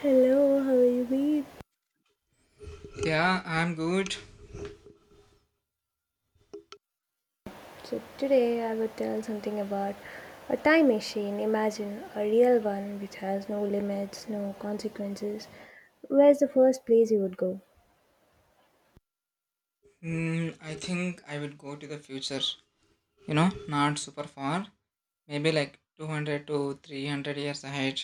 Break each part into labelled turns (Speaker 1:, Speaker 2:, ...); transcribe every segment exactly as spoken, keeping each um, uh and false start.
Speaker 1: Hello, how are you doing?
Speaker 2: Yeah, I'm good.
Speaker 1: So today I would tell something about a time machine. Imagine a real one which has no limits, no consequences. Where's the first place you would go?
Speaker 2: Mm, I think I would go to the future. You know, not super far. Maybe like two hundred to three hundred years ahead.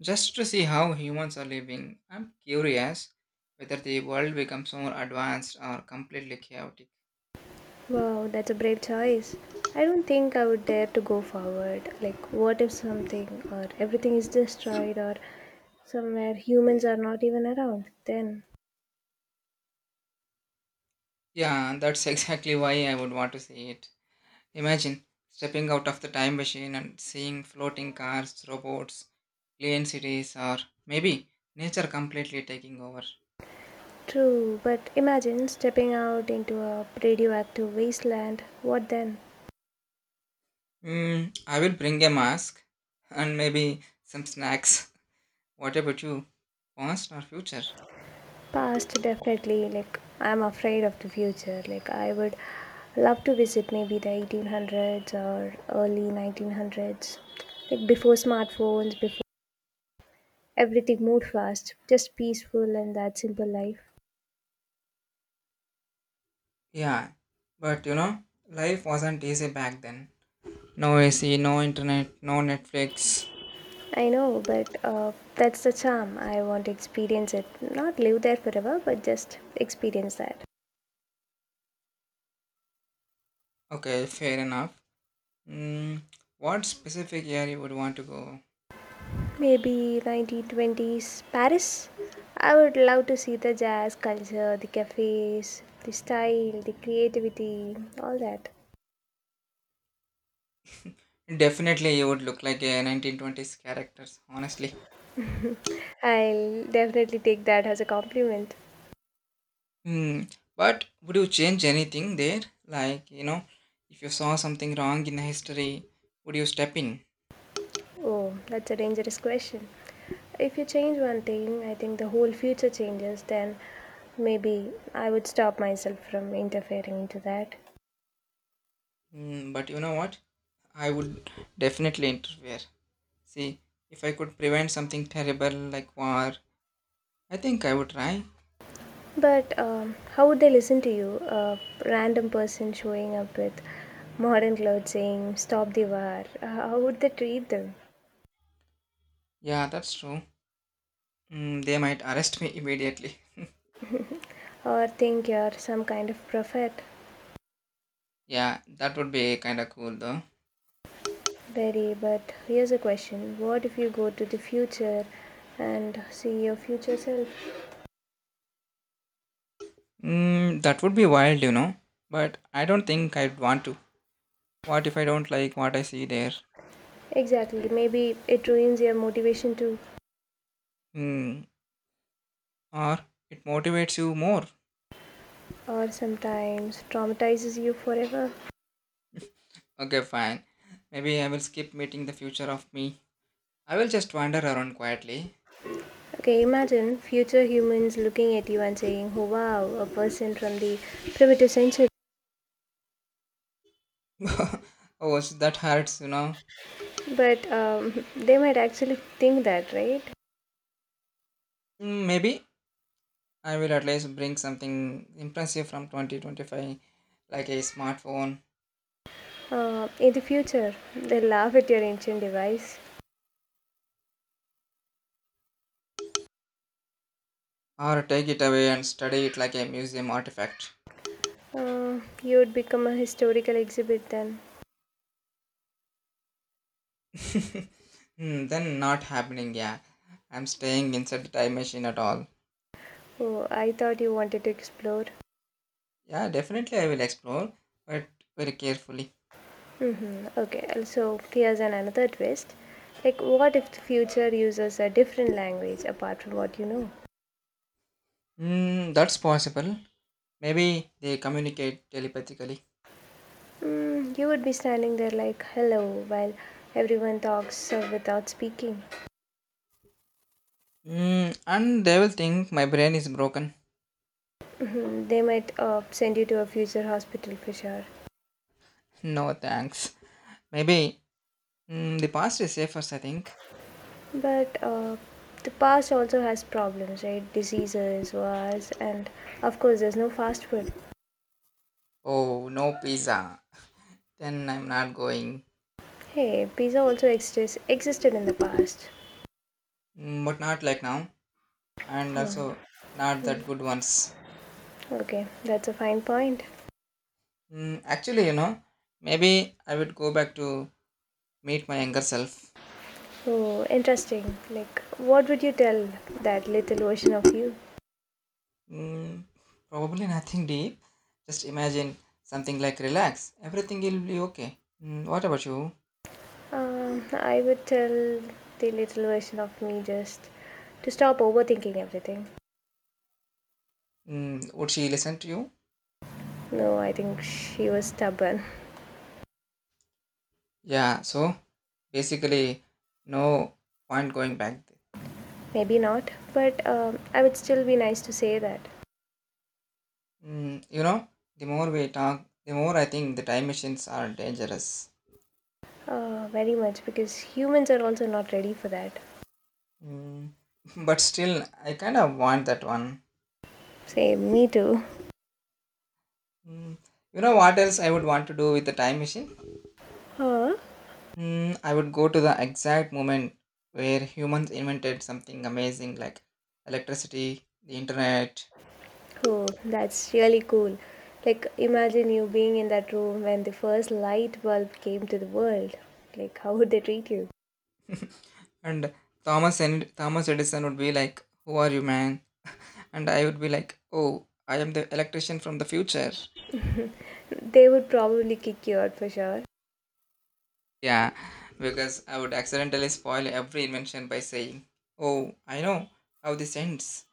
Speaker 2: Just to see how humans are living. I'm curious whether the world becomes more advanced or completely chaotic.
Speaker 1: Wow, that's a brave choice. I don't think I would dare to go forward. Like, what if something or everything is destroyed, or somewhere humans are not even around then?
Speaker 2: Yeah, that's exactly why I would want to see it. Imagine stepping out of the time machine and seeing floating cars, robots, clean cities, or maybe nature completely taking over.
Speaker 1: True, but imagine stepping out into a radioactive wasteland. What then?
Speaker 2: Mm, I will bring a mask and maybe some snacks. What about you? Past or future?
Speaker 1: Past, definitely. Like, I'm afraid of the future. Like, I would love to visit maybe the eighteen hundreds or early nineteen hundreds. Like, before smartphones, before everything moved fast, just peaceful and that simple life.
Speaker 2: Yeah, but you know, life wasn't easy back then. No A C, no internet, no Netflix.
Speaker 1: I know, but uh, that's the charm. I want to experience it. Not live there forever, but just experience that.
Speaker 2: Okay, fair enough. Mm, what specific year you would want to go?
Speaker 1: Maybe nineteen twenties Paris. I would love to see the jazz culture, the cafes, the style, the creativity, all that.
Speaker 2: Definitely, you would look like a nineteen twenties characters, honestly.
Speaker 1: I'll definitely take that as a compliment.
Speaker 2: Hmm. But would you change anything there? Like, you know, if you saw something wrong in history, would you step in?
Speaker 1: Oh, that's a dangerous question. If you change one thing, I think the whole future changes, then maybe I would stop myself from interfering into that.
Speaker 2: Mm, but you know what? I would definitely interfere. See, if I could prevent something terrible like war, I think I would try.
Speaker 1: But um, how would they listen to you? A random person showing up with modern clothes saying, "Stop the war." Uh, How would they treat them?
Speaker 2: Yeah, that's true. Mm, they might arrest me immediately.
Speaker 1: Or think you're some kind of prophet?
Speaker 2: Yeah, that would be kind of cool though.
Speaker 1: Very, but here's a question. What if you go to the future and see your future self?
Speaker 2: Mm, that would be wild, you know. But I don't think I'd want to. What if I don't like what I see there?
Speaker 1: Exactly, maybe it ruins your motivation too,
Speaker 2: Hmm. Or it motivates you more.
Speaker 1: or sometimes traumatizes you forever.
Speaker 2: Okay, fine. Maybe I will skip meeting the future of me. I will just wander around quietly.
Speaker 1: Okay, imagine future humans looking at you and saying, "Oh wow, a person from the primitive century."
Speaker 2: Oh, sh- that hurts, you know.
Speaker 1: But um, they might actually think that, right?
Speaker 2: Mm. Maybe I will at least bring something impressive from twenty twenty-five, like a smartphone,
Speaker 1: Uh, in the future, they'll laugh at your ancient device.
Speaker 2: or take it away and study it like a museum artifact.
Speaker 1: Uh, you would become a historical exhibit then.
Speaker 2: Hmm, then not happening, yeah. I'm staying inside the time machine at all.
Speaker 1: Oh, I thought you wanted to explore.
Speaker 2: Yeah, definitely I will explore, but very carefully.
Speaker 1: Hmm. Okay, also, here's an another twist. Like, what if the future uses a different language apart from what you know?
Speaker 2: Mm, that's possible. Maybe they communicate telepathically.
Speaker 1: Mm, you would be standing there like, hello, while everyone talks uh, without speaking.
Speaker 2: Mm, and they will think my brain is broken.
Speaker 1: Mhm, they might uh, send you to a future hospital for sure.
Speaker 2: No thanks. Maybe. Mm, the past is safest, I think.
Speaker 1: But uh, the past also has problems, right? Diseases, wars, and of course, there's no fast food.
Speaker 2: Oh, no pizza. Then I'm not going.
Speaker 1: Hey, pizza also exists existed in the past.
Speaker 2: Mm, but not like now. And also, not that good ones.
Speaker 1: Okay, that's a fine point.
Speaker 2: Mm, actually, you know, maybe I would go back to meet my younger self.
Speaker 1: Oh, interesting. Like, what would you tell that little version of you?
Speaker 2: Mm, probably nothing deep. Just imagine something like relax. Everything will be okay. Mm, what about you?
Speaker 1: Um, I would tell the little version of me just to stop overthinking everything.
Speaker 2: Mm, would she listen to you?
Speaker 1: No, I think she was stubborn.
Speaker 2: Yeah, so basically, no point going back.
Speaker 1: Maybe not, but um, I would still be nice to say that.
Speaker 2: Mm, you know, the more we talk, the more I think the time machines are dangerous.
Speaker 1: Uh, very much because humans are also not ready for that.
Speaker 2: Mm, but still, I kind of want that one.
Speaker 1: Same, me too.
Speaker 2: Mm, you know what else I would want to do with the time machine?
Speaker 1: Huh?
Speaker 2: Mm, I would go to the exact moment where humans invented something amazing like electricity, the internet,
Speaker 1: Oh, that's really cool. Like, imagine you being in that room when the first light bulb came to the world. Like, how would they treat you?
Speaker 2: and Thomas and Thomas Edison would be like, "Who are you, man?" And I would be like, "Oh, I am the electrician from the future."
Speaker 1: They would probably kick you out for sure.
Speaker 2: Yeah, because I would accidentally spoil every invention by saying, oh, I know how this ends.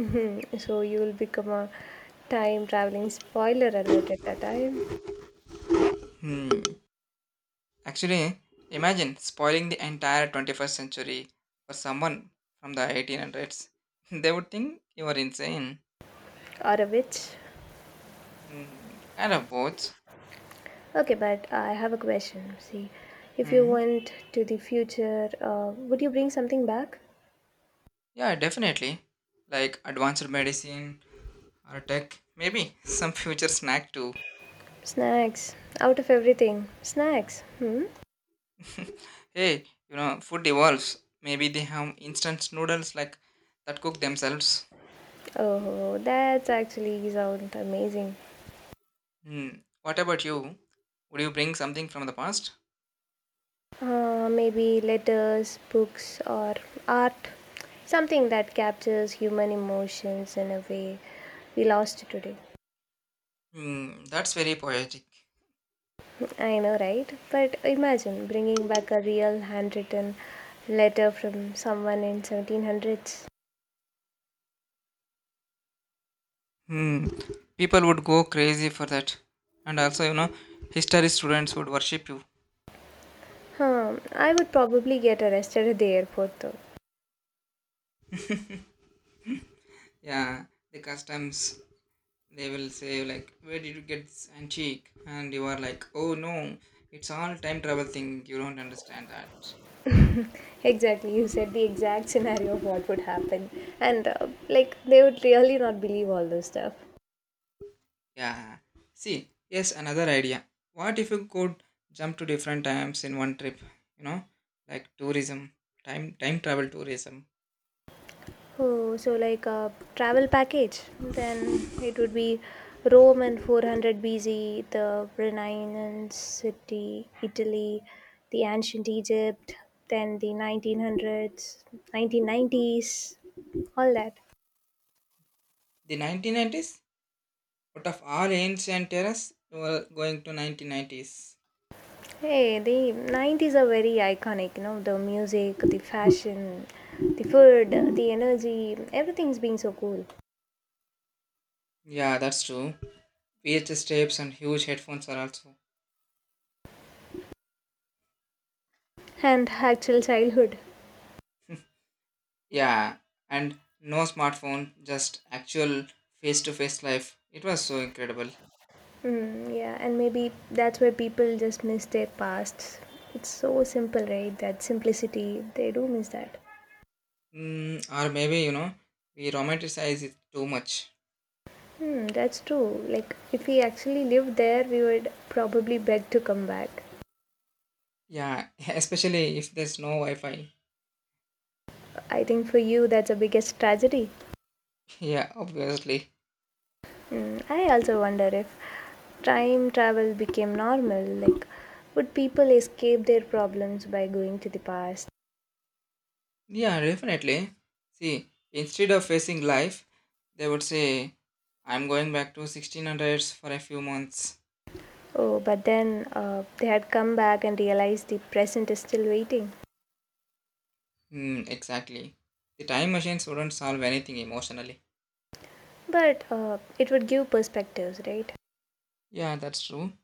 Speaker 1: Mm, So, you will become a time traveling spoiler alert at that time,
Speaker 2: Hmm. Actually, imagine spoiling the entire twenty-first century for someone from the eighteen hundreds. They would think you are insane.
Speaker 1: or a witch.
Speaker 2: Hmm. Kind of both.
Speaker 1: Okay, but I have a question. See, if you
Speaker 2: Hmm.
Speaker 1: went to the future, uh, would you bring something back?
Speaker 2: Yeah, definitely. Like advanced medicine or tech, maybe some future snack too.
Speaker 1: Snacks. Out of everything. Snacks. Hmm?
Speaker 2: Hey, you know, food evolves. Maybe they have instant noodles like that cook themselves.
Speaker 1: Oh, that's actually sounds amazing.
Speaker 2: Hmm. What about you? Would you bring something from the past?
Speaker 1: Uh, maybe letters, books, or art. Something that captures human emotions in a way we lost today.
Speaker 2: Hmm. That's very poetic.
Speaker 1: I know, right? But imagine bringing back a real handwritten letter from someone in seventeen hundreds.
Speaker 2: Hmm. People would go crazy for that. And also, you know, history students would worship you.
Speaker 1: Huh, I would probably get arrested at the airport though.
Speaker 2: Yeah, the customs, they will say, like, where did you get this antique? And you are like, oh no, it's all time travel thing. You don't understand that.
Speaker 1: Exactly, you said the exact scenario of what would happen, and uh, like they would really not believe all this stuff.
Speaker 2: Yeah. See, yes, another idea. What if you could jump to different times in one trip? You know, like tourism, time time travel tourism.
Speaker 1: Oh, so like a travel package, then it would be Rome and four hundred B C, the Renaissance city, Italy, the ancient Egypt, then the nineteen hundreds, nineteen nineties, all that.
Speaker 2: The nineteen nineties. Out of all ancient terrors, you were going to nineteen nineties.
Speaker 1: Hey, the nineties are very iconic, you know, the music, the fashion, the food, the energy, everything's been so cool.
Speaker 2: Yeah, that's true. V H S tapes and huge headphones are also.
Speaker 1: And actual childhood.
Speaker 2: Yeah, and no smartphone, just actual face-to-face life. It was so incredible.
Speaker 1: Mm, yeah, and maybe that's why people just miss their past. It's so simple, right? That simplicity, they do miss that.
Speaker 2: Mm, or maybe you know we romanticize it too much.
Speaker 1: Hmm, that's true. Like, if we actually lived there, we would probably beg to come back.
Speaker 2: Yeah, especially if there's no Wi-Fi.
Speaker 1: I think for you, that's the biggest tragedy.
Speaker 2: Yeah, obviously.
Speaker 1: Mm, I also wonder if time travel became normal, like would people escape their problems by going to the past?
Speaker 2: Yeah, definitely. See, instead of facing life, they would say, I'm going back to sixteen hundreds for a few months.
Speaker 1: Oh, but then uh, they had come back and realized the present is still waiting.
Speaker 2: Hmm, exactly. The time machines wouldn't solve anything emotionally.
Speaker 1: But uh, it would give perspectives, right?
Speaker 2: Yeah, that's true.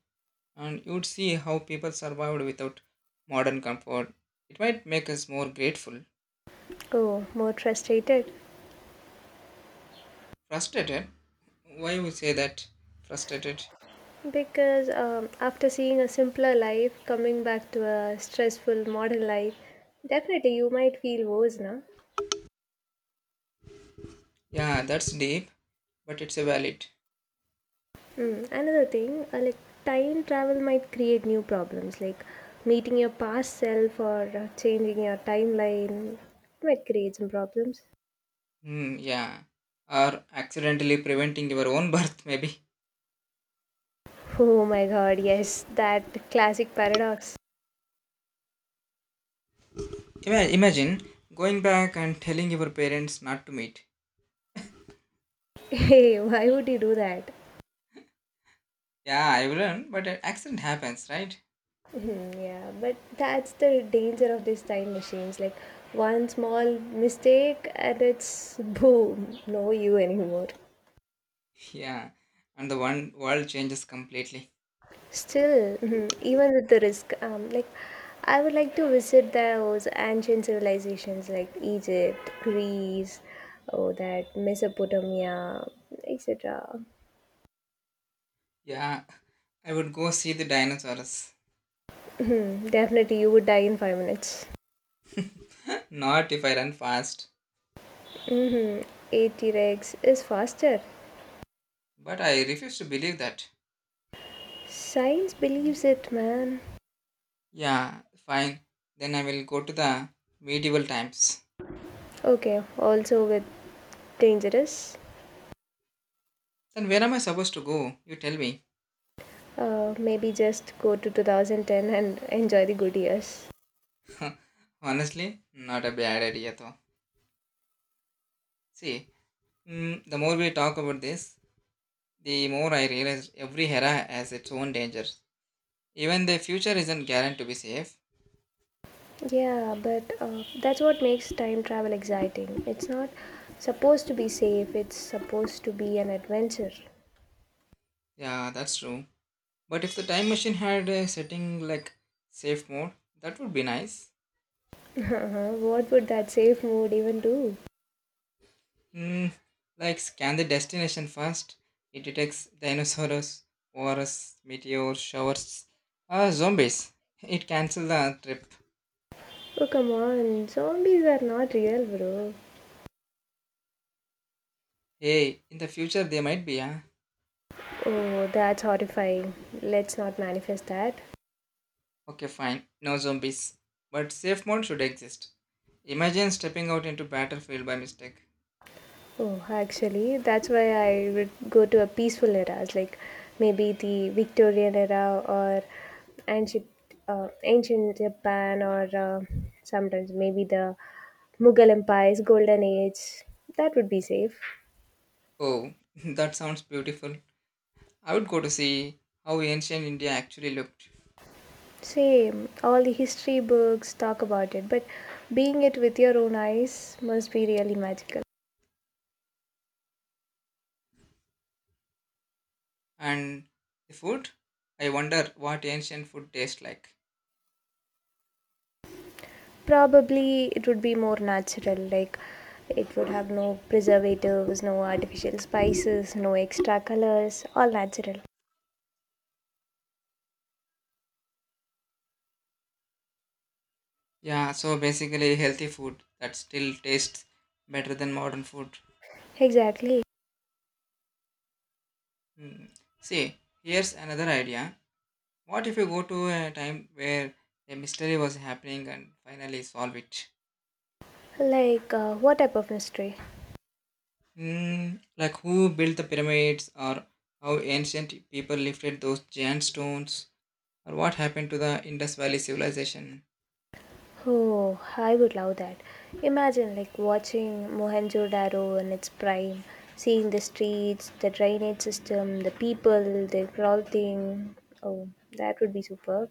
Speaker 2: And you'd see how people survived without modern comfort. It might make us more grateful.
Speaker 1: Oh, more frustrated.
Speaker 2: Frustrated? Why you say that? Frustrated?
Speaker 1: Because um, after seeing a simpler life, coming back to a stressful modern life, definitely you might feel woes, no?
Speaker 2: Yeah, that's deep, but it's a valid.
Speaker 1: Mm. Another thing, uh, like time travel might create new problems, like meeting your past self or uh, changing your timeline might create some problems.
Speaker 2: Hmm, yeah. Or accidentally preventing your own birth, maybe.
Speaker 1: Oh my god, yes, that classic paradox.
Speaker 2: Ima- Imagine going back and telling your parents not to meet.
Speaker 1: Hey, why would you do that?
Speaker 2: Yeah, I will learn, but an accident happens, right?
Speaker 1: Hmm, yeah, but that's the danger of these time machines. Like one small mistake and it's boom, no you anymore.
Speaker 2: Yeah, and the one world changes completely.
Speaker 1: Still, mhm, even with the risk, um, like I would like to visit those ancient civilizations like Egypt, Greece, oh that Mesopotamia, et cetera.
Speaker 2: Yeah, I would go see the dinosaurs.
Speaker 1: Mhm. Definitely, you would die in five minutes.
Speaker 2: Not if I run fast,
Speaker 1: Mm-hmm. a-Rex is faster.
Speaker 2: but I refuse to believe that.
Speaker 1: Science believes it, man.
Speaker 2: Yeah, fine. Then I will go to the medieval times.
Speaker 1: Okay, also with dangerous.
Speaker 2: Then where am I supposed to go? You tell me.
Speaker 1: Uh, maybe just go to two thousand ten and enjoy the good years.
Speaker 2: Honestly, not a bad idea though. See, Mm, the more we talk about this, the more I realize every era has its own dangers. Even the future isn't guaranteed to be safe.
Speaker 1: Yeah, but uh, that's what makes time travel exciting. It's not supposed to be safe, it's supposed to be an adventure.
Speaker 2: Yeah, that's true. But if the time machine had a setting like safe mode, that would be nice.
Speaker 1: What would that safe mood even do?
Speaker 2: Mm, like scan the destination first. It detects dinosaurs, wars, meteor showers, or zombies. It cancels the trip.
Speaker 1: Oh, come on, zombies are not real, bro.
Speaker 2: Hey, in the future they might be, huh?
Speaker 1: Oh, that's horrifying. Let's not manifest that.
Speaker 2: Okay, fine. No zombies. But safe mode should exist. Imagine stepping out into battlefield by mistake.
Speaker 1: Oh, actually, that's why I would go to a peaceful era, like maybe the Victorian era or ancient, uh, ancient Japan, or uh, sometimes maybe the Mughal Empire's golden age. That would be safe.
Speaker 2: Oh, that sounds beautiful. I would go to see how ancient India actually looked.
Speaker 1: Same, all the history books talk about it, but being it with your own eyes must be really magical.
Speaker 2: And the food? I wonder what ancient food tastes like.
Speaker 1: Probably it would be more natural, like it would have no preservatives, no artificial spices, no extra colors, all natural.
Speaker 2: Yeah, so basically healthy food that still tastes better than modern food.
Speaker 1: Exactly.
Speaker 2: Hmm. See, here's another idea. What if you go to a time where a mystery was happening and finally solve it?
Speaker 1: Like uh, what type of mystery?
Speaker 2: Mm, like who built the pyramids or how ancient people lifted those giant stones or what happened to the Indus Valley civilization.
Speaker 1: Oh, I would love that. Imagine like watching Mohenjo-daro in its prime, seeing the streets, the drainage system, the people, the clothing. Oh, that would be superb.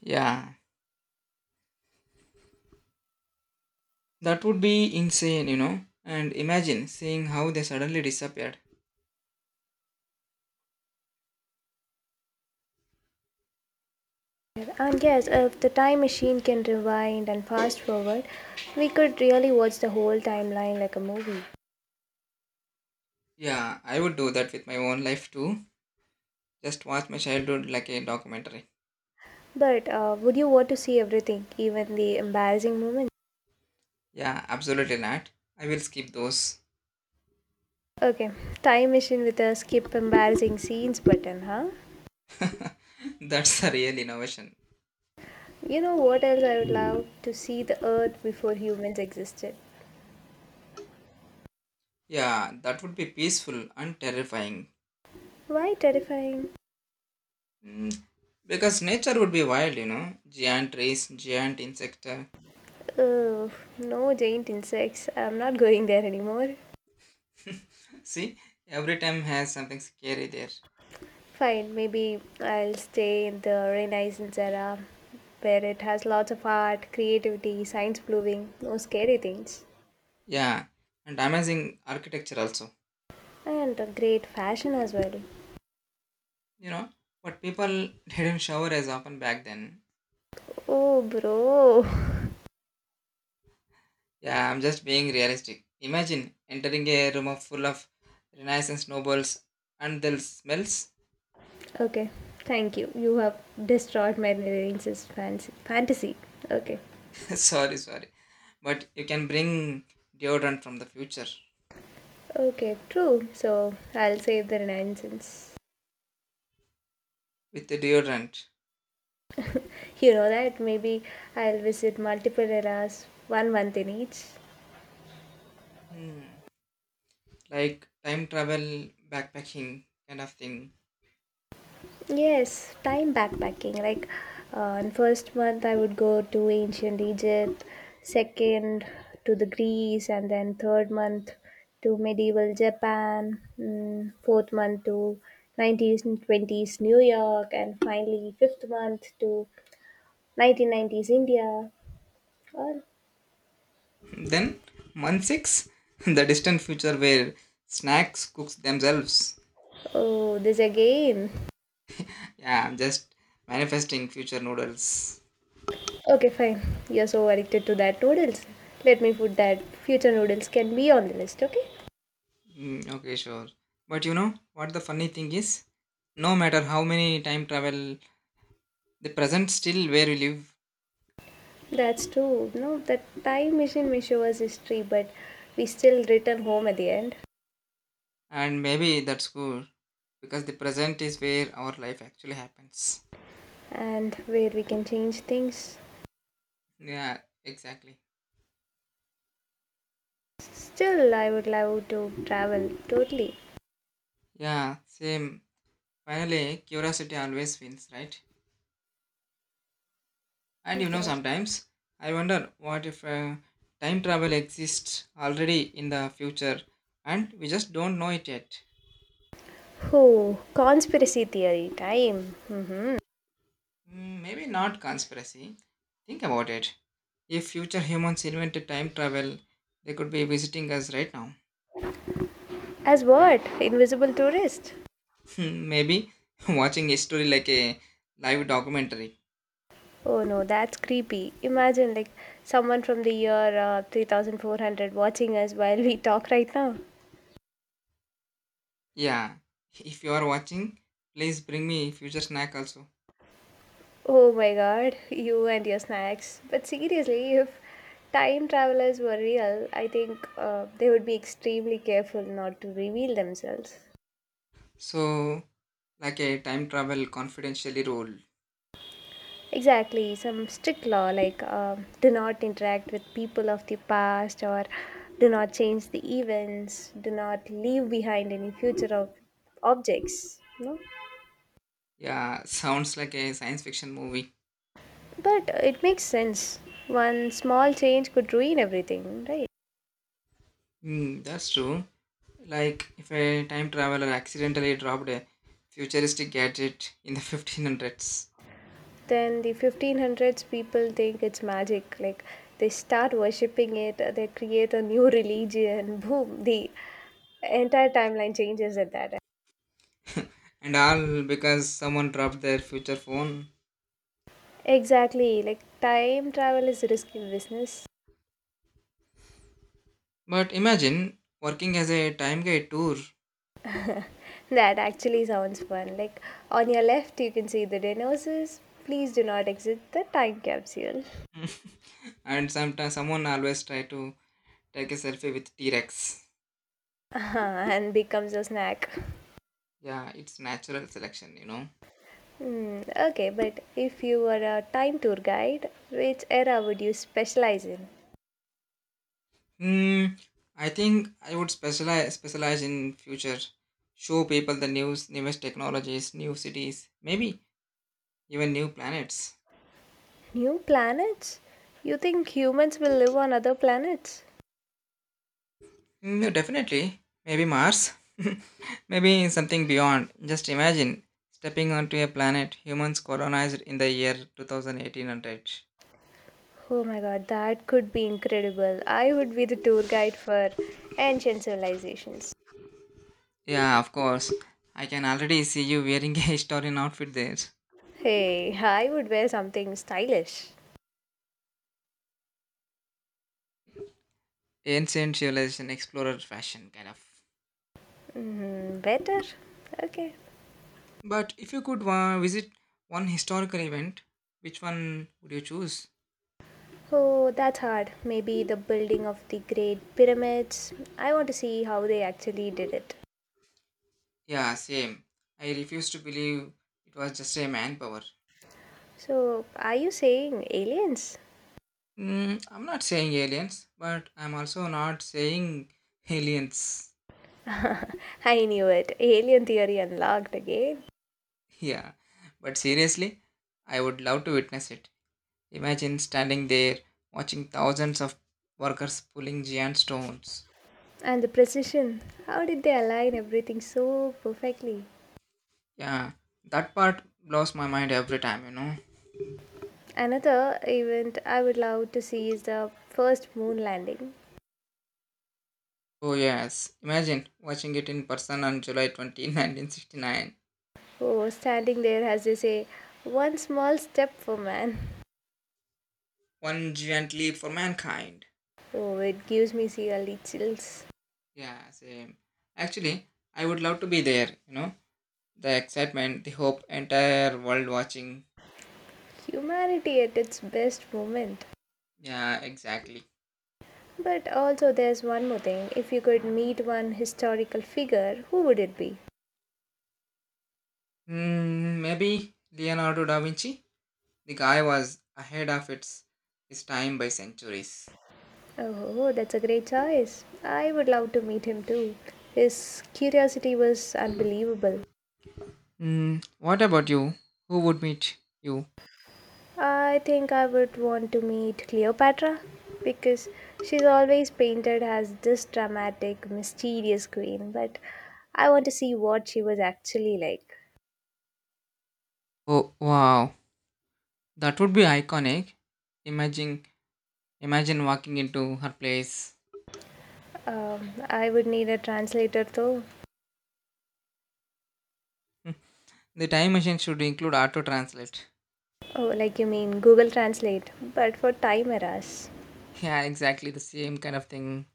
Speaker 2: Yeah, that would be insane, you know. And imagine seeing how they suddenly disappeared.
Speaker 1: And yes, if the time machine can rewind and fast forward, we could really watch the whole timeline like a movie.
Speaker 2: Yeah, I would do that with my own life too. Just watch my childhood like a documentary.
Speaker 1: But uh, would you want to see everything, even the embarrassing moments?
Speaker 2: Yeah, absolutely not. I will skip those.
Speaker 1: Okay, time machine with a skip embarrassing scenes button, huh?
Speaker 2: That's a real innovation.
Speaker 1: You know what else, I would love to see the earth before humans existed.
Speaker 2: Yeah, that would be peaceful and terrifying.
Speaker 1: Why terrifying?
Speaker 2: Mm, Because nature would be wild, you know. Giant trees, giant insect. uh,
Speaker 1: Ugh, no giant insects. I'm not going there anymore.
Speaker 2: See, every time has something scary there.
Speaker 1: Fine, maybe I'll stay in the Renaissance era where it has lots of art, creativity, science blooming, no scary things,
Speaker 2: Yeah, and amazing architecture also.
Speaker 1: and a great fashion as well.
Speaker 2: You know, but people didn't shower as often back then.
Speaker 1: Oh, bro.
Speaker 2: Yeah, I'm just being realistic. Imagine entering a room of full of Renaissance nobles and the smells.
Speaker 1: Okay, thank you. You have destroyed my Renaissance fancy- fantasy. Okay.
Speaker 2: Sorry, sorry, but you can bring deodorant from the future
Speaker 1: Okay, true. So I'll save the Renaissance.
Speaker 2: with the deodorant.
Speaker 1: You know that maybe I'll visit multiple eras, one month in each.
Speaker 2: Hmm. Like time travel backpacking kind of thing.
Speaker 1: Yes, time backpacking. Like, uh, in first month I would go to ancient Egypt, second to the Greece, and then third month to medieval Japan, mm, fourth month to nineties and twenties New York, and finally fifth month to nineteen nineties India. Or,
Speaker 2: Then month six, the distant future where snacks cooks themselves.
Speaker 1: oh, this again.
Speaker 2: Yeah, I'm just manifesting future noodles.
Speaker 1: Okay, fine. You're so addicted to that noodles. Let me put that future noodles can be on the list, okay?
Speaker 2: mm, okay, sure, but you know what the funny thing is, no matter how many time travel, the present still where we live.
Speaker 1: That's true. No, the time machine may show us history, but we still return home at the end,
Speaker 2: And maybe that's good because the present is where our life actually happens.
Speaker 1: and where we can change things.
Speaker 2: Yeah, exactly.
Speaker 1: Still, I would love to travel totally.
Speaker 2: Yeah, same. Finally curiosity always wins, right? And you know,
Speaker 1: Yes.
Speaker 2: sometimes I wonder what if uh, time travel exists already in the future and we just don't know it yet.
Speaker 1: Oh, conspiracy theory time. Mm-hmm.
Speaker 2: Mm, maybe not conspiracy. Think about it. If future humans invented time travel, they could be visiting us right now.
Speaker 1: As what? Invisible tourist?
Speaker 2: Maybe watching history like a live documentary.
Speaker 1: Oh no, that's creepy. Imagine like someone from the year uh, three thousand four hundred watching us while we talk right now.
Speaker 2: Yeah, if you are watching, please bring me future snack also.
Speaker 1: Oh my god, you and your snacks. But seriously, if time travelers were real, I think uh, they would be extremely careful not to reveal themselves.
Speaker 2: So, like a time travel confidentially rule.
Speaker 1: Exactly, some strict law like um do not interact with people of the past, or do not change the events, do not leave behind any future of objects. No?
Speaker 2: Yeah, sounds like a science fiction movie.
Speaker 1: But uh, it makes sense. One small change could ruin everything, right?
Speaker 2: Hmm, that's true. Like if a time traveler accidentally dropped a futuristic gadget in the fifteen hundreds,
Speaker 1: Then the fifteen hundreds people think it's magic, like they start worshipping it, uh, they create a new religion. Boom, the entire timeline changes at that.
Speaker 2: and all because someone dropped their future phone.
Speaker 1: Exactly, like time travel is risky business.
Speaker 2: But imagine working as a time guide tour,
Speaker 1: That actually sounds fun, like, "On your left you can see the dinosaurs. Please do not exit the time capsule."
Speaker 2: and sometimes someone always try to take a selfie with T Rex.
Speaker 1: And becomes a snack.
Speaker 2: Yeah, it's natural selection, you know.
Speaker 1: Hmm, okay, but if you were a time tour guide, which era would you specialize in?
Speaker 2: Mm, I think I would specialize specialize in future, show people the news, newest technologies, new cities, maybe even new planets.
Speaker 1: New planets? You think humans will live on other planets?
Speaker 2: Mm, definitely, maybe Mars, maybe something beyond. Just imagine stepping onto a planet humans colonized in the year two thousand eight hundred.
Speaker 1: Oh my god, that could be incredible. I would be the tour guide for ancient civilizations.
Speaker 2: Yeah, of course. I can already see you wearing a historian outfit there.
Speaker 1: Hey, I would wear something stylish.
Speaker 2: Ancient civilization explorer fashion, kind of.
Speaker 1: Mm, better? Okay.
Speaker 2: But if you could uh, visit one historical event, which one would you choose?
Speaker 1: Oh, that's hard. Maybe the building of the Great Pyramids. I want to see how they actually did it.
Speaker 2: Yeah, same. I refuse to believe it was just a manpower.
Speaker 1: So, are you saying aliens?
Speaker 2: Mm, I'm not saying aliens, but I'm also not saying aliens.
Speaker 1: I knew it. Alien theory unlocked again.
Speaker 2: Yeah, but seriously, I would love to witness it. Imagine standing there watching thousands of workers pulling giant stones.
Speaker 1: And the precision. How did they align everything so perfectly?
Speaker 2: Yeah, that part blows my mind every time, you know.
Speaker 1: Another event I would love to see is the first moon landing.
Speaker 2: Oh yes, imagine watching it in person on July twentieth, nineteen sixty-nine.
Speaker 1: Oh, standing there as they say, "One small step for man."
Speaker 2: One giant leap for mankind.
Speaker 1: Oh, it gives me really chills.
Speaker 2: Yeah, same. Actually, I would love to be there, you know. The excitement, the hope, entire world watching.
Speaker 1: Humanity at its best moment.
Speaker 2: Yeah, exactly.
Speaker 1: But also, there's one more thing. If you could meet one historical figure, who would it be?
Speaker 2: Hmm, maybe Leonardo da Vinci? The guy was ahead of its his time by centuries.
Speaker 1: Oh, that's a great choice. I would love to meet him too. His curiosity was unbelievable.
Speaker 2: Hmm, what about you? Who would meet you?
Speaker 1: I think I would want to meet Cleopatra because she's always painted as this dramatic, mysterious queen, but I want to see what she was actually like.
Speaker 2: Oh wow, that would be iconic. Imagine Imagine walking into her place.
Speaker 1: Um, I would need a translator though.
Speaker 2: The time machine should include auto translate.
Speaker 1: Oh, like you mean Google Translate, but for time errors.
Speaker 2: Yeah, exactly the same kind of thing.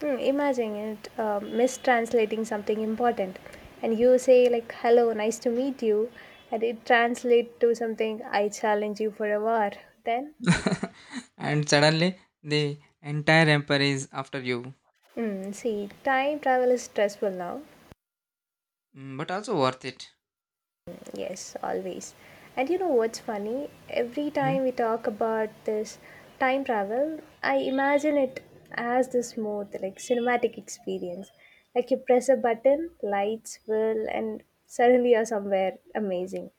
Speaker 1: Hmm, imagine it um, mistranslating something important, and you say like "Hello, nice to meet you," and it translates to something "I challenge you for a war." Then
Speaker 2: And suddenly, the entire empire is after you.
Speaker 1: mm, see, time travel is stressful now.
Speaker 2: Mm, but also worth it.
Speaker 1: Yes, always. And you know what's funny? Every
Speaker 2: Hmm?
Speaker 1: time we talk about this time travel, I imagine it as this smooth, like cinematic experience. Like you press a button, lights whirl, and suddenly you're somewhere amazing.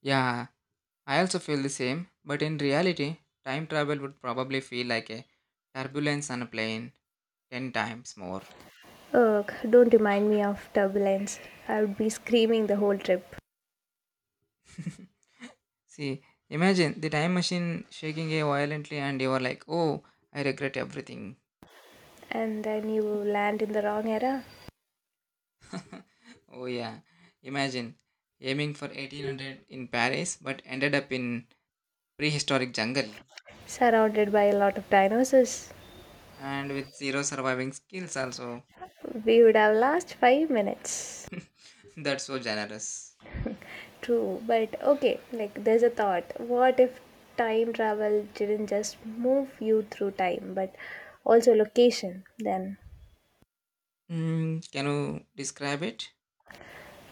Speaker 2: Yeah, I also feel the same. But in reality, time travel would probably feel like a turbulence on a plane ten times more.
Speaker 1: Ugh, don't remind me of turbulence. I would be screaming the whole trip.
Speaker 2: See, imagine the time machine shaking a violently, and you are like, oh, I regret everything.
Speaker 1: And then you land in the wrong era,
Speaker 2: Oh yeah, imagine aiming for eighteen hundred in Paris but ended up in prehistoric jungle
Speaker 1: surrounded by a lot of dinosaurs.
Speaker 2: and with zero surviving skills also.
Speaker 1: We would have lost five minutes.
Speaker 2: That's so generous.
Speaker 1: True, but okay, like there's a thought. What if time travel didn't just move you through time, but also location? Then,
Speaker 2: Mm, can you describe it?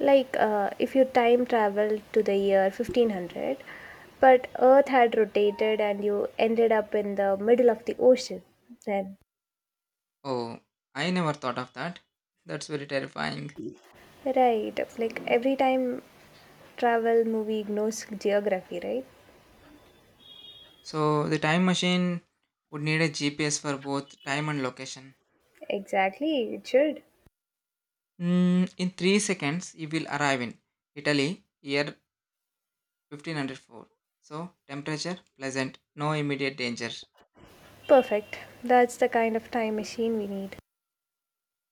Speaker 1: like uh, if you time traveled to the year fifteen hundred, but Earth had rotated and you ended up in the middle of the ocean, then
Speaker 2: Oh, I never thought of that. That's very terrifying.
Speaker 1: right, like every time travel movie ignores geography, right?
Speaker 2: So the time machine would need a G P S for both time and location.
Speaker 1: Exactly, it should.
Speaker 2: Mm, in three seconds you will arrive in Italy year fifteen hundred four. So temperature pleasant, no immediate danger.
Speaker 1: Perfect. That's the kind of time machine we need.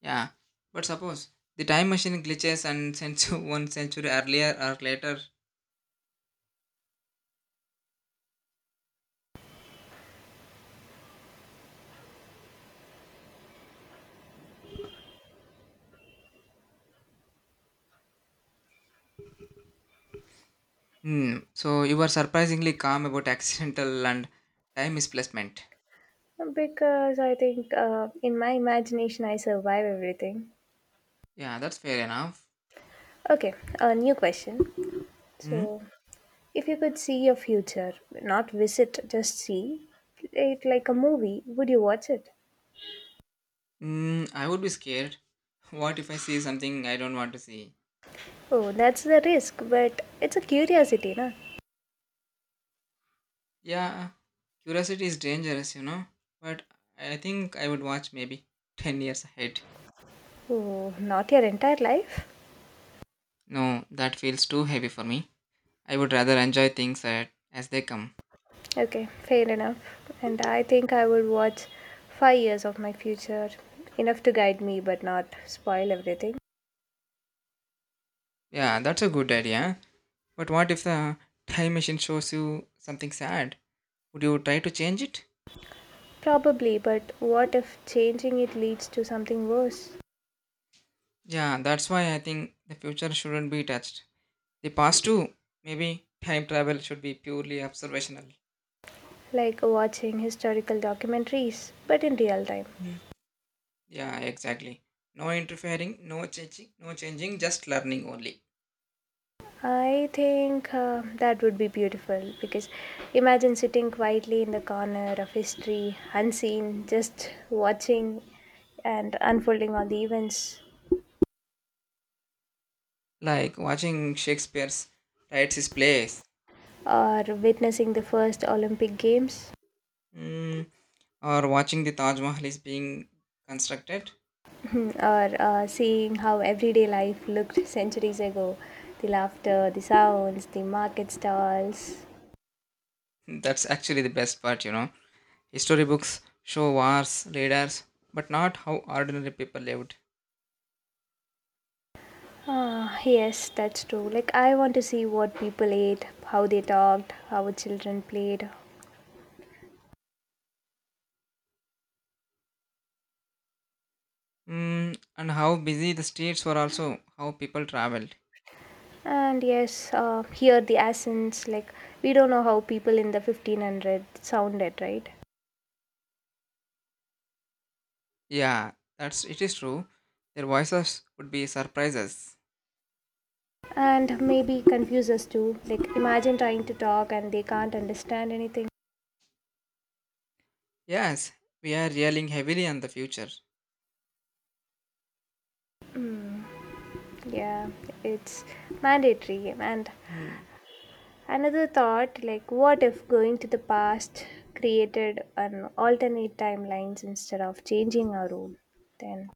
Speaker 2: Yeah, but suppose the time machine glitches and sends you one century earlier or later. Hmm. So you were surprisingly calm about accidental and time misplacement.
Speaker 1: Because I think uh, in my imagination I survive everything.
Speaker 2: Yeah, that's fair enough.
Speaker 1: Okay, a new question.
Speaker 2: Hmm.
Speaker 1: So, if you could see your future, not visit, just see it like a movie, would you watch it?
Speaker 2: Hmm. I would be scared. What if I see something I don't want to see?
Speaker 1: Oh, that's the risk, but it's a curiosity, na?
Speaker 2: Yeah, curiosity is dangerous, you know. But I think I would watch maybe ten years ahead.
Speaker 1: Oh, not your entire life?
Speaker 2: No, that feels too heavy for me. I would rather enjoy things at, as they come.
Speaker 1: Okay, fair enough. And I think I would watch five years of my future, enough to guide me but not spoil everything.
Speaker 2: Yeah, that's a good idea. But what if the time machine shows you something sad? Would you try to change it?
Speaker 1: Probably, but what if changing it leads to something worse?
Speaker 2: Yeah, that's why I think the future shouldn't be touched. The past too, maybe time travel should be purely observational.
Speaker 1: Like watching historical documentaries, but in real time.
Speaker 2: Mm. Yeah, exactly. No interfering, no changing, no changing, just learning only.
Speaker 1: I think uh, that would be beautiful because imagine sitting quietly in the corner of history, unseen, just watching and unfolding all the events,
Speaker 2: Like watching Shakespeare's writes his plays,
Speaker 1: or witnessing the first Olympic Games,
Speaker 2: mm, or watching the Taj Mahal is being constructed.
Speaker 1: or uh, seeing how everyday life looked centuries ago, the laughter, the sounds, the market stalls.
Speaker 2: That's actually the best part, you know. Storybooks show wars, raiders, but not how ordinary people lived.
Speaker 1: Ah, yes, that's true. Like, I want to see what people ate, how they talked, how children played.
Speaker 2: Mm, and how busy the streets were also, how people traveled.
Speaker 1: And yes, uh, hear the accents. Like, we don't know how people in the fifteen hundred sounded, right?
Speaker 2: Yeah, that's it is true. Their voices would be surprises.
Speaker 1: And maybe confuse us too. Like, imagine trying to talk and they can't understand anything.
Speaker 2: Yes, we are relying heavily on the future.
Speaker 1: Yeah, it's mandatory. And
Speaker 2: Hmm.
Speaker 1: another thought, like, what if going to the past created an alternate timelines instead of changing our own? Then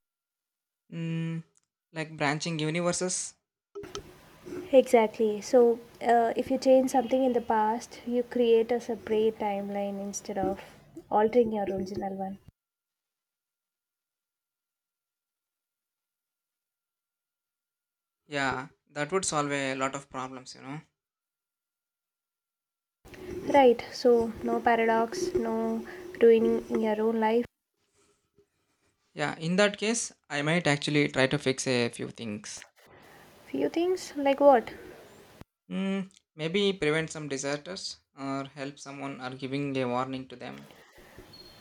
Speaker 2: Mm, like branching universes?
Speaker 1: exactly. So, uh, if you change something in the past, you create a separate timeline instead of altering your original one.
Speaker 2: Yeah, that would solve a lot of problems, you know.
Speaker 1: Right. So, no paradox, no ruining your own life.
Speaker 2: Yeah, in that case, I might actually try to fix a few things.
Speaker 1: Few things like what?
Speaker 2: Mm, maybe prevent some disasters or help someone or giving a warning to them.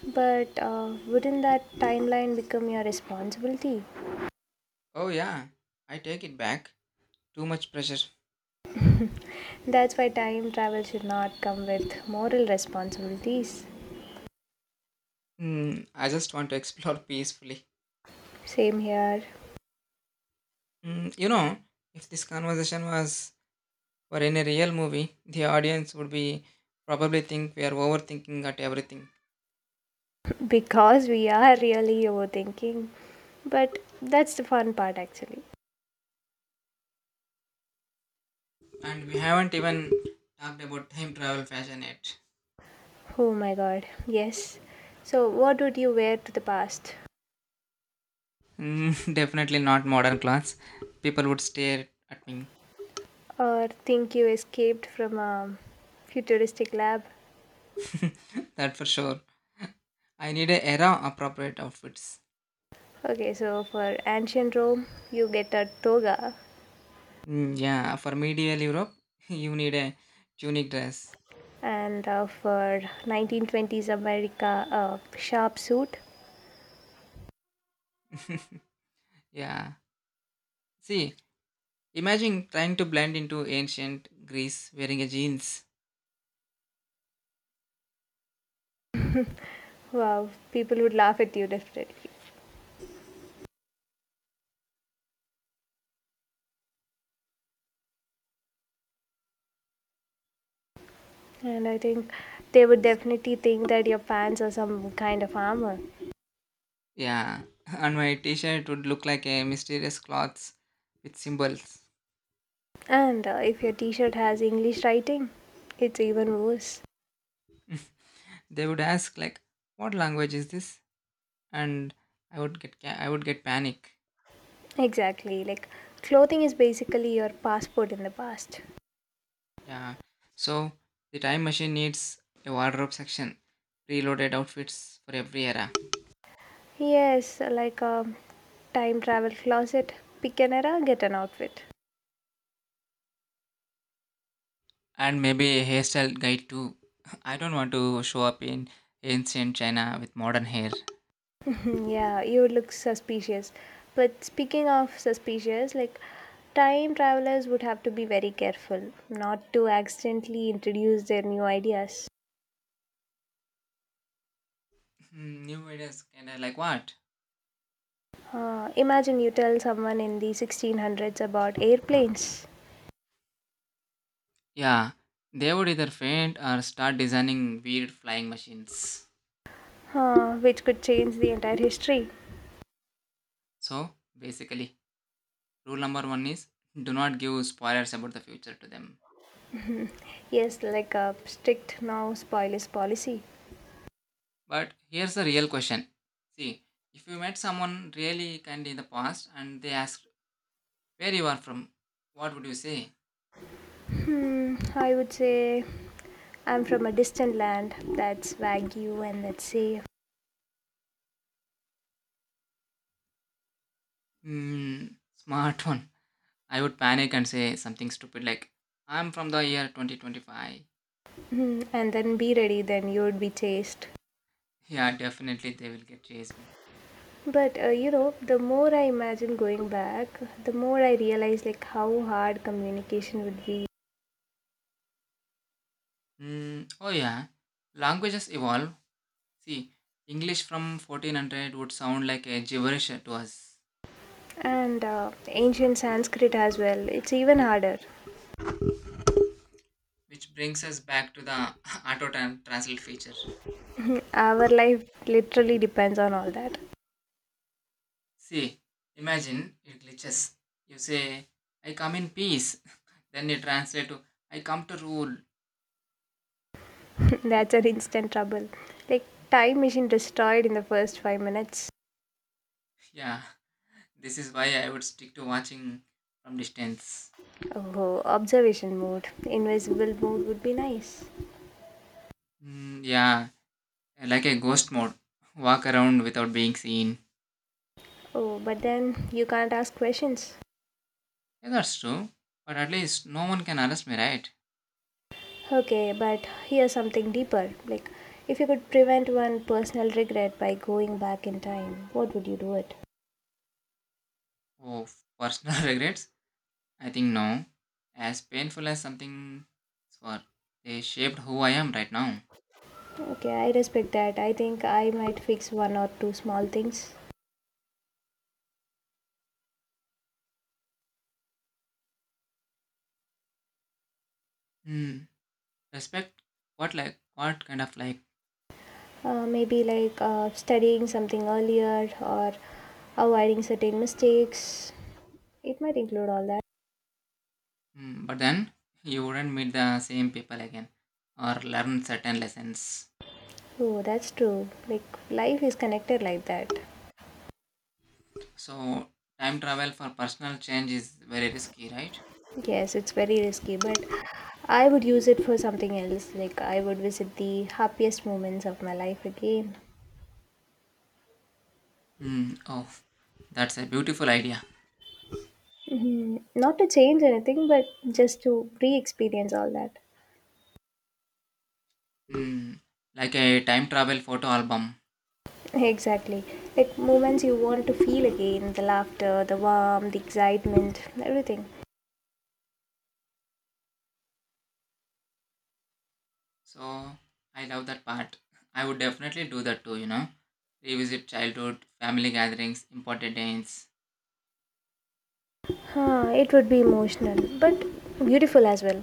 Speaker 1: But uh, wouldn't that timeline become your responsibility?
Speaker 2: Oh, yeah, I take it back. Too much pressure.
Speaker 1: That's why time travel should not come with moral responsibilities.
Speaker 2: Mm, I just want to explore peacefully.
Speaker 1: Same here.
Speaker 2: Mm, you know, if this conversation was for any real movie, the audience would be probably think we are overthinking at everything.
Speaker 1: Because we are really overthinking. But that's the fun part actually.
Speaker 2: And we haven't even talked about time travel fashion yet.
Speaker 1: Oh my god, yes. So, what would you wear to the past?
Speaker 2: Mm, definitely not modern clothes. People would stare at me.
Speaker 1: Or think you escaped from a futuristic lab?
Speaker 2: That for sure. I need a era appropriate outfits.
Speaker 1: Okay, so for ancient Rome, you get a toga,
Speaker 2: Mm, yeah, for medieval Europe, you need a tunic dress.
Speaker 1: and uh, for nineteen twenties America, a sharp suit.
Speaker 2: Yeah. See, imagine trying to blend into ancient Greece wearing a jeans.
Speaker 1: Wow, people would laugh at you definitely. And I think they would definitely think that your pants are some kind of armor.
Speaker 2: Yeah. And my t-shirt would look like a mysterious cloths with symbols.
Speaker 1: And uh, if your t shirt has English writing, it's even worse.
Speaker 2: They would ask like, "What language is this?" And I would get ca- I would get panic.
Speaker 1: Exactly. Like clothing is basically your passport in the past.
Speaker 2: Yeah. So the time machine needs a wardrobe section, preloaded outfits for every era.
Speaker 1: Yes, like a time travel closet. Pick an era, get an outfit.
Speaker 2: And maybe a hairstyle guide too. I don't want to show up in ancient China with modern hair.
Speaker 1: yeah, you look suspicious. But speaking of suspicious, like time travelers would have to be very careful not to accidentally introduce their new ideas.
Speaker 2: Hmm, new ideas kind of like what?
Speaker 1: Uh, imagine you tell someone in the sixteen hundreds about airplanes,
Speaker 2: Yeah, they would either faint or start designing weird flying machines.
Speaker 1: uh, which could change the entire history.
Speaker 2: So basically, rule number one is do not give spoilers about the future to them.
Speaker 1: Yes, like a strict no spoilers policy.
Speaker 2: But here's the real question. See, if you met someone really kind in the past and they asked where you are from, what would you say?
Speaker 1: Hmm, I would say I'm from a distant land. That's Wagyu and that's safe.
Speaker 2: Hmm, smart one. I would panic and say something stupid like, I'm from the year twenty twenty-five.
Speaker 1: Hmm, and then be ready, then you'd be chased.
Speaker 2: Yeah, definitely they will get chase me.
Speaker 1: But uh, you know, the more I imagine going back, the more I realize like how hard communication would be.
Speaker 2: Mm, oh, yeah. Languages evolve. See, English from fourteen hundred would sound like a gibberish to us,
Speaker 1: And uh, ancient Sanskrit as well. It's even harder.
Speaker 2: which brings us back to the auto tran- translate feature.
Speaker 1: Our life literally depends on all that.
Speaker 2: See, imagine it glitches. You say, I come in peace. Then it translates to, I come to rule.
Speaker 1: That's an instant trouble. Like time machine destroyed in the first five minutes.
Speaker 2: Yeah, this is why I would stick to watching from distance.
Speaker 1: Oh, observation mode. Invisible mode would be nice.
Speaker 2: Mm, yeah, like a ghost mode. Walk around without being seen.
Speaker 1: Oh, but then you can't ask questions.
Speaker 2: Yeah, that's true. But at least no one can arrest me, right?
Speaker 1: Okay, but here's something deeper. Like, if you could prevent one personal regret by going back in time, what would you do it?
Speaker 2: Oh, personal regrets? I think no. As painful as something for they shaped who I am right now.
Speaker 1: Okay, I respect that. I think I might fix one or two small things.
Speaker 2: Hmm. Respect what like what kind of like
Speaker 1: Uh, maybe like uh, studying something earlier or avoiding certain mistakes. It might include all that.
Speaker 2: hmm. But then you wouldn't meet the same people again or learn certain lessons.
Speaker 1: Oh, that's true. Like, life is connected like that.
Speaker 2: So time travel for personal change is very risky, right?
Speaker 1: Yes, it's very risky, but I would use it for something else. Like, I would visit the happiest moments of my life again.
Speaker 2: Hmm. Oh, that's a beautiful idea.
Speaker 1: Hmm, not to change anything, but just to re experience all that.
Speaker 2: Hmm, like a time travel photo album.
Speaker 1: Exactly. Like, moments you want to feel again, the laughter, the warmth, the excitement, everything.
Speaker 2: So I love that part. I would definitely do that too, you know. Revisit childhood, family gatherings, important dates.
Speaker 1: Huh, it would be emotional, but beautiful as well.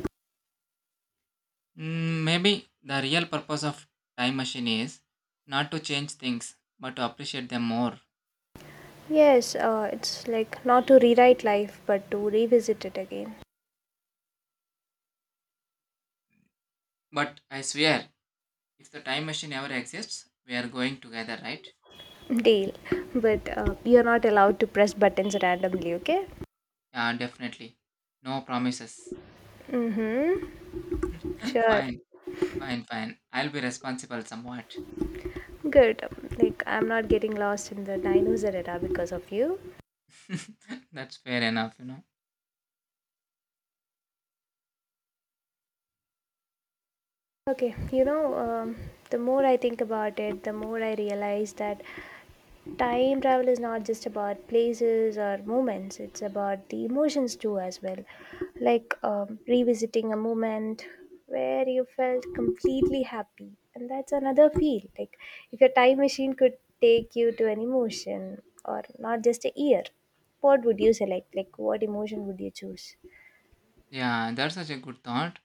Speaker 2: Mm, maybe the real purpose of time machine is not to change things, but to appreciate them more.
Speaker 1: Yes, uh, it's like not to rewrite life, but to revisit it again.
Speaker 2: But I swear, if the time machine ever exists, we are going together, right?
Speaker 1: Deal. But uh, you're not allowed to press buttons randomly, okay?
Speaker 2: Yeah, definitely. No promises.
Speaker 1: Mm-hmm. Sure.
Speaker 2: Fine, fine, fine. I'll be responsible somewhat.
Speaker 1: Good. Like, I'm not getting lost in the dinosaur era because of you.
Speaker 2: That's fair enough, you know.
Speaker 1: Okay, you know, um, the more I think about it, the more I realize that time travel is not just about places or moments, it's about the emotions too as well. Like um, revisiting a moment where you felt completely happy, and that's another feel. Like, if your time machine could take you to an emotion or not just a year, what would you select? Like, what emotion would you choose?
Speaker 2: Yeah, that's such a good thought.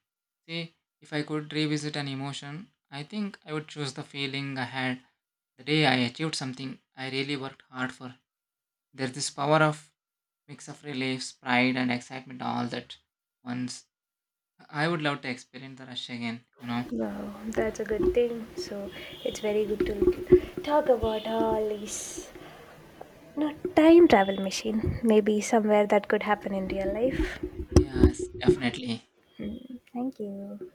Speaker 2: See, if I could revisit an emotion, I think I would choose the feeling I had the day I achieved something I really worked hard for. There's this power of mix of reliefs, pride, and excitement all that once. I would love to experience the rush again, you know.
Speaker 1: Wow, that's a good thing. So it's very good to talk about all these. No, time travel machine. Maybe somewhere that could happen in real life.
Speaker 2: Yes, definitely.
Speaker 1: Hmm, thank you.